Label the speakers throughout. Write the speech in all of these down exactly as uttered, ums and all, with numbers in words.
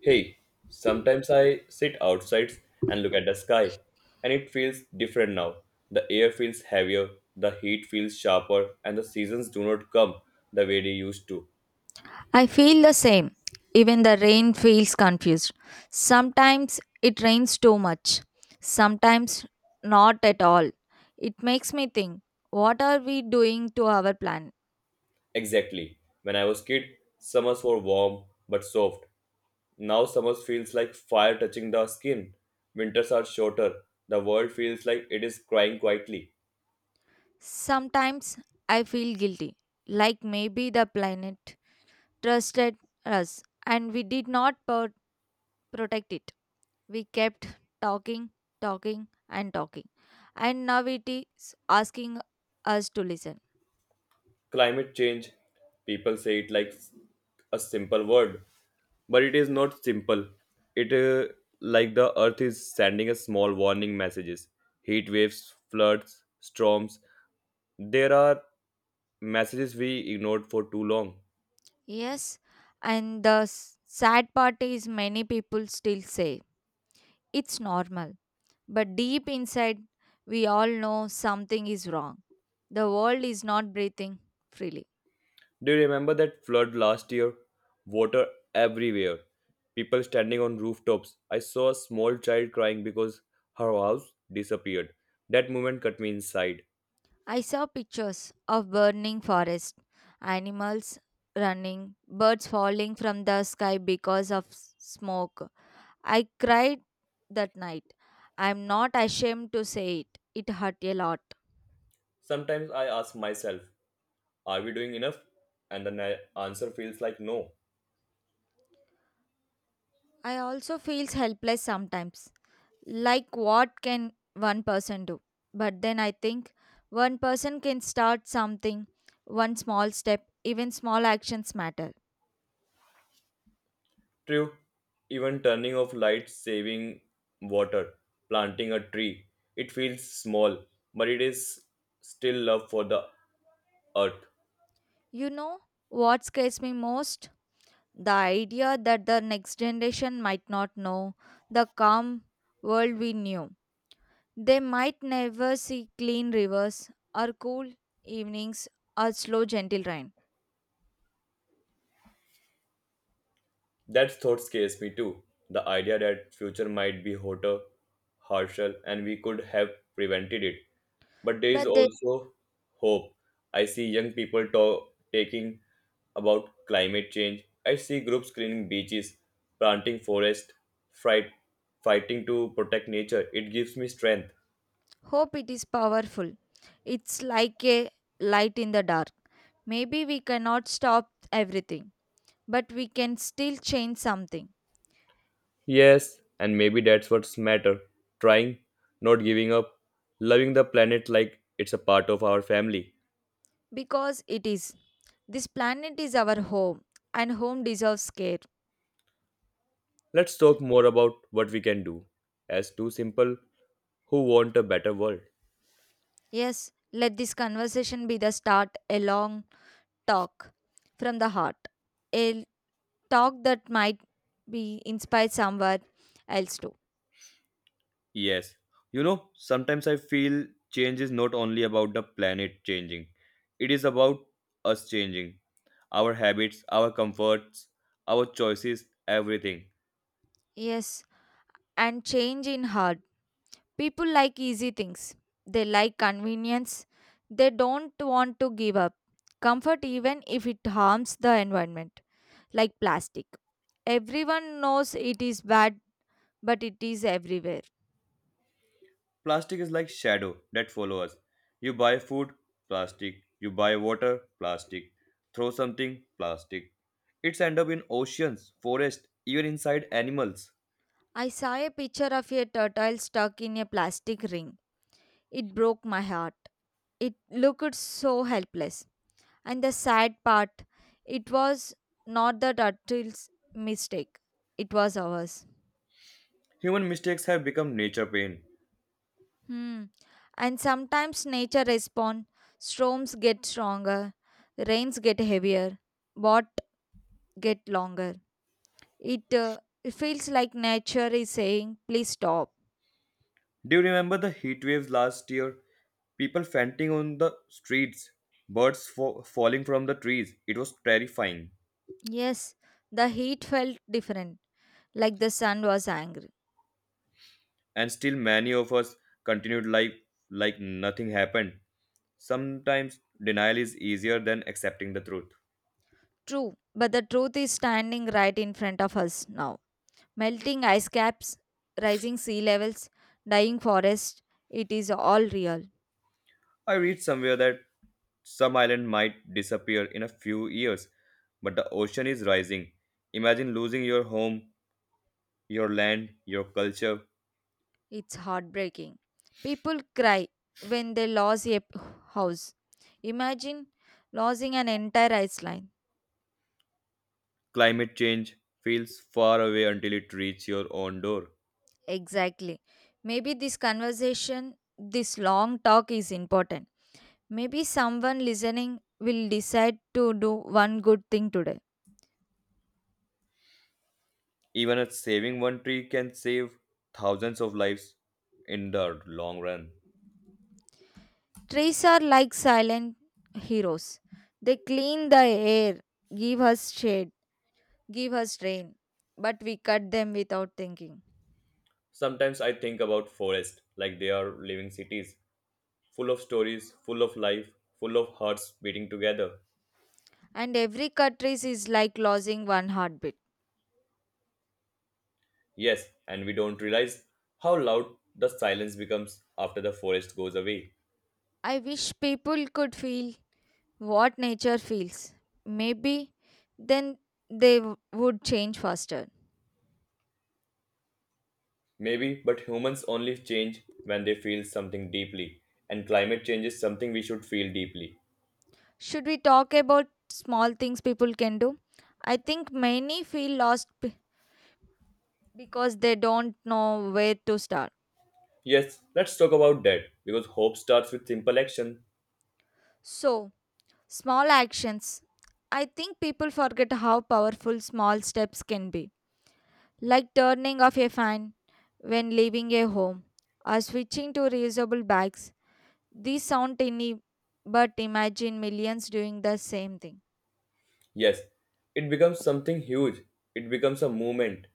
Speaker 1: Hey, sometimes I sit outside and look at the sky, and it feels different now. The air feels heavier, the heat feels sharper, and the seasons do not come the way they used to.
Speaker 2: I feel the same. Even the rain feels confused. Sometimes it rains too much, sometimes not at all. It makes me think, what are we doing to our planet?
Speaker 1: Exactly. When I was kid, summers were warm but soft. Now summers feels like fire touching the skin. Winters are shorter. The world feels like it is crying quietly.
Speaker 2: Sometimes I feel guilty, like maybe the planet trusted us and we did not pro- protect it. We kept talking, talking, and talking, and now it is asking us to listen.
Speaker 1: Climate change, people say it like s- a simple word, but it is not simple. It uh, like the earth is sending us small warning messages. Heat waves, floods, storms. There are messages we ignored for too long.
Speaker 2: Yes, and the s- sad part is many people still say it's normal. But deep inside, we all know something is wrong. The world is not breathing freely.
Speaker 1: Do you remember that flood last year? Water everywhere. People standing on rooftops. I saw a small child crying because her house disappeared. That moment cut me inside.
Speaker 2: I saw pictures of burning forests, animals running, birds falling from the sky because of s- smoke. I cried that night. I'm not ashamed to say it. It hurt a lot.
Speaker 1: Sometimes I ask myself, are we doing enough? And the na- answer feels like no.
Speaker 2: I also feel helpless sometimes, like what can one person do? But then I think one person can start something. One small step, even small actions matter.
Speaker 1: True. Even turning off lights, saving water, planting a tree, it feels small, but it is still love for the earth.
Speaker 2: You know what scares me most? The idea that the next generation might not know the calm world we knew. They might never see clean rivers or cool evenings or slow gentle rain.
Speaker 1: That thought scares me too. The idea that future might be hotter, harsher, and we could have prevented it. But there is
Speaker 2: But they
Speaker 1: also hope. I see young people talk, taking about climate change. I see groups cleaning beaches, planting forests, fight, fighting to protect nature. It gives me strength.
Speaker 2: hope it is powerful. It's like a light in the dark. Maybe we cannot stop everything, but we can still change something,
Speaker 1: Yes, and maybe that's what's matter. Trying, not giving up, loving the planet like it's a part of our family.
Speaker 2: because it is. This planet is our home, and home deserves care.
Speaker 1: Let's
Speaker 2: L-
Speaker 1: talk more about what we can do as two simple who want a better world.
Speaker 2: Yes, let this conversation be the start, a long talk from the heart, a talk that might be inspired somewhere else too.
Speaker 1: Yes. You know, sometimes I feel change is not only about the planet changing, it is about us changing. Our habits, our comforts, our choices, everything.
Speaker 2: Yes, and change in heart. People like easy things. They like convenience. They don't want to give up comfort even if it harms the environment, like plastic. Everyone knows it is bad, but it is everywhere.
Speaker 1: Plastic is like shadow that follow us. You buy food, plastic. You buy water, plastic. Throw something, plastic. It's end up in oceans, forests, even inside animals.
Speaker 2: I saw a picture of a turtle stuck in a plastic ring. It broke my heart. It looked so helpless. And the sad part, it was not the turtle's mistake, it was ours.
Speaker 1: Human mistakes have become nature pain.
Speaker 2: Hmm. And sometimes nature responds. Storms get stronger, rains get heavier, but get longer. It, uh, it feels like nature is saying, please stop.
Speaker 1: Do you remember the heat waves last year? People fainting on the streets, birds fa- falling from the trees. It was terrifying.
Speaker 2: Yes, the heat felt different, like the sun was angry.
Speaker 1: And still, many of us continued life like nothing happened. Sometimes, denial is easier than accepting the truth.
Speaker 2: True, but the truth is standing right in front of us now. Melting ice caps, rising sea levels, dying forests, it is all real.
Speaker 1: I read somewhere that some island might disappear in a few years, but the ocean is rising. Imagine losing your home, your land, your culture.
Speaker 2: It's heartbreaking. People cry when they lose a p- house. Imagine losing an entire island.
Speaker 1: Climate change feels far away until it reaches your own door.
Speaker 2: Exactly. Maybe this conversation, this long talk is important. Maybe someone listening will decide to do one good thing today.
Speaker 1: Even a saving one tree can save thousands of lives in the long run.
Speaker 2: Trees are like silent heroes. They clean the air, give us shade, give us rain, but we cut them without thinking.
Speaker 1: Sometimes I think about forests like they are living cities, full of stories, full of life, full of hearts beating together.
Speaker 2: And every cut trees is like losing one heartbeat.
Speaker 1: Yes, and we don't realize how loud the silence becomes after the forest goes away.
Speaker 2: I wish people could feel what nature feels. Maybe then they w- would change faster.
Speaker 1: Maybe, but humans only change when they feel something deeply, and climate change is something we should feel deeply.
Speaker 2: Should we talk about small things people can do? I think many feel lost b- because they don't know where to start.
Speaker 1: Yes, let's talk about that because hope starts with simple action.
Speaker 2: So, small actions. I think people forget how powerful small steps can be, like turning off a fan when leaving a home or switching to reusable bags. These sound tiny, but imagine millions doing the same thing.
Speaker 1: Yes, it becomes something huge, it becomes a movement,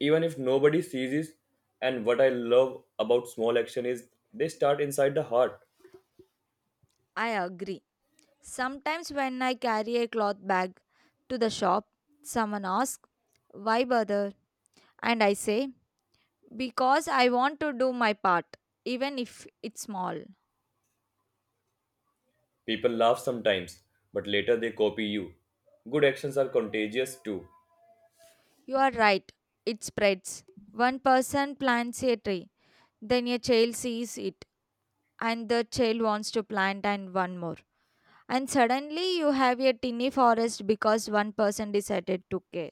Speaker 1: even if nobody sees it. And what I love about small action is they start inside the heart.
Speaker 2: I agree. Sometimes when I carry a cloth bag to the shop, someone asks, why bother? And I say, because I want to do my part, even if it's small.
Speaker 1: People laugh sometimes, but later they copy you. Good actions are contagious too.
Speaker 2: You are right, it spreads. One person plants a tree, then a child sees it, and the child wants to plant and one more. And suddenly you have a tiny forest because one person decided to care.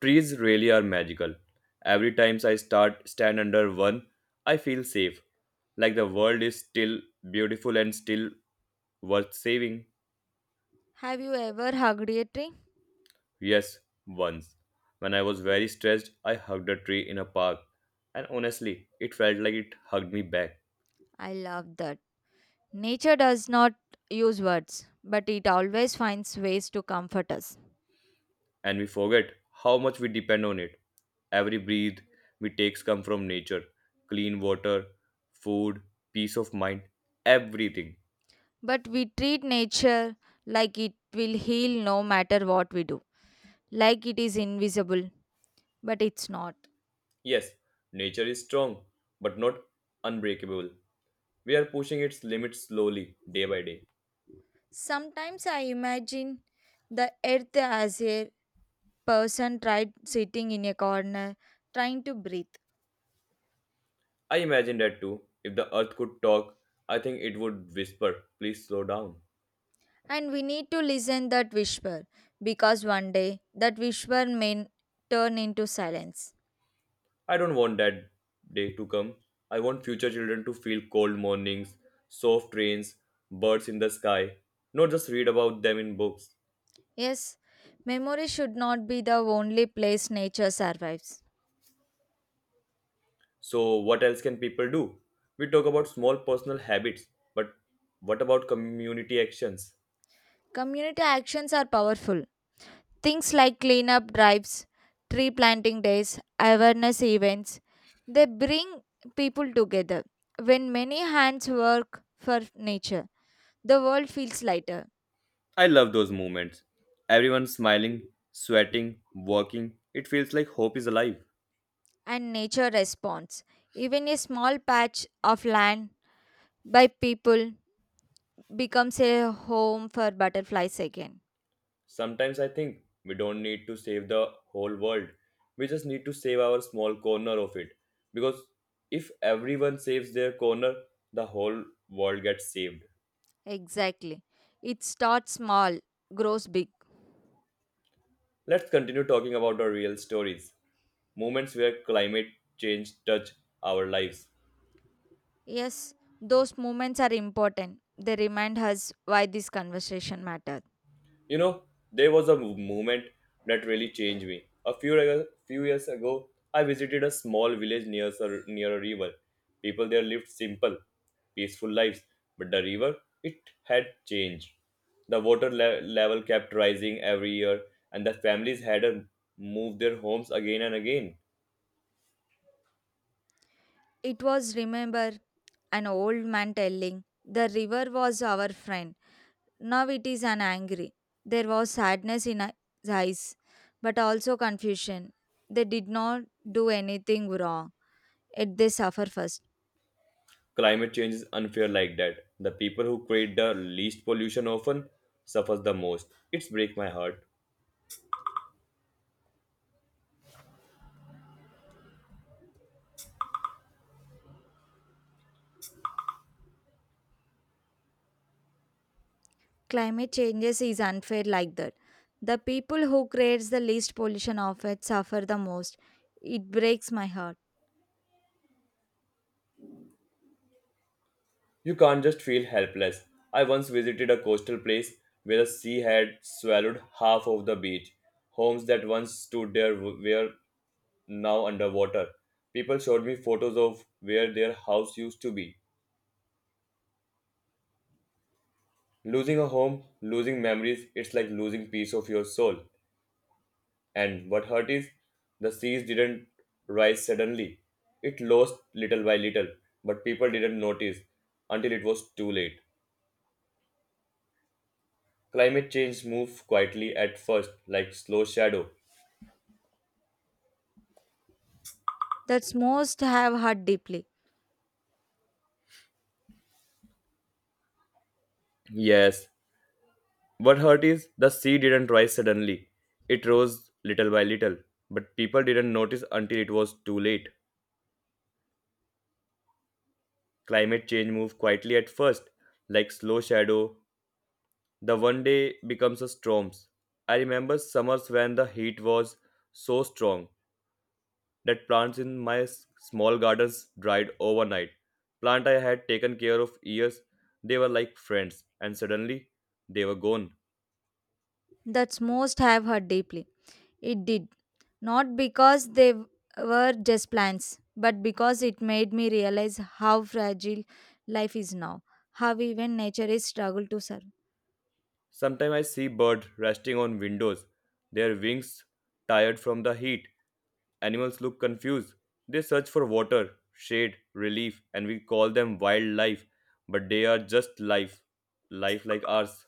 Speaker 1: Trees really are magical. Every time I start stand under one, I feel safe, like the world is still beautiful and still worth saving.
Speaker 2: Have you ever hugged a tree?
Speaker 1: Yes, once. When I was very stressed, I hugged a tree in a park, and honestly, it felt like it hugged me back.
Speaker 2: I love that. Nature does not use words, but it always finds ways to comfort us.
Speaker 1: And we forget how much we depend on it. Every breath we take comes from nature clean water, food, peace of mind, everything.
Speaker 2: But we treat nature like it will heal no matter what we do, like it is invisible, but it's not.
Speaker 1: Yes, nature is strong, but not unbreakable. We are pushing its limits slowly, day by day.
Speaker 2: Sometimes I imagine the earth as a person tried sitting in a corner trying to breathe.
Speaker 1: I imagine that too. If the earth could talk, I think it would whisper, please slow down.
Speaker 2: And we need to listen that whisper, because one day that whisper may turn into silence.
Speaker 1: I don't want that day to come. I want future children to feel cold mornings, soft rains, birds in the sky, not just read about them in books.
Speaker 2: Yes, memory should not be the only place nature survives.
Speaker 1: So, what else can people do? We talk about small personal habits, but what about community actions?
Speaker 2: Community actions are powerful. Things like cleanup drives, tree planting days, awareness events, they bring people together. When many hands work for nature, the world feels lighter
Speaker 1: I love those moments. Everyone smiling, sweating, working. It feels like hope is alive.
Speaker 2: and nature responds. Even a small patch of land by people becomes a home for butterflies again.
Speaker 1: Sometimes I think we don't need to save the whole world. We just need to save our small corner of it. Because if everyone saves their corner, the whole world gets saved.
Speaker 2: Exactly. It starts small, grows big.
Speaker 1: Let's continue talking about our real stories, moments where climate change touch our lives.
Speaker 2: Yes, those moments are important. They remind us why this conversation mattered.
Speaker 1: You know, there was a mov- moment that really changed me. A few reg- few years ago, I visited a small village near a, near a river. People there lived simple, peaceful lives, but the river it had changed. The water le- level kept rising every year, and the families had to move their homes again and again.
Speaker 2: It was, remember, an old man telling, the river was our friend. Now it is an angry. There was sadness in his eyes, but also confusion. They did not do anything wrong, yet they suffer first.
Speaker 1: Climate change is unfair like that. The people who create the least pollution often suffers the most. It's break my heart.
Speaker 2: Climate changes is unfair like that. The people who creates the least pollution of it suffer the most. It breaks my heart.
Speaker 1: You can't just feel helpless. I once visited a coastal place where the sea had swallowed half of the beach. Homes that once stood there w- were now underwater. People showed me photos of where their house used to be. Losing a home, losing memories, it's like losing piece of your soul. And what hurt is, the seas didn't rise suddenly. It lost little by little, but people didn't notice until it was too late. Climate change moves quietly at first, like slow shadow.
Speaker 2: That's most have hurt deeply.
Speaker 1: Yes. What hurt is the sea didn't rise suddenly. It rose little by little, but people didn't notice until it was too late. Climate change moves quietly at first, like slow shadow. The one day becomes a storm. I remember summers when the heat was so strong that plants in my s- small gardens dried overnight. Plant I had taken care of years, they were like friends, and suddenly they were gone.
Speaker 2: That's most have hurt deeply. It did. Not because they w- were just plans, but because it made me realize how fragile life is now, how even nature is struggle to survive.
Speaker 1: Sometimes I see birds resting on windows, their wings tired from the heat. Animals look confused. They search for water, shade, relief, and we call them wildlife, but they are just life, life like ours.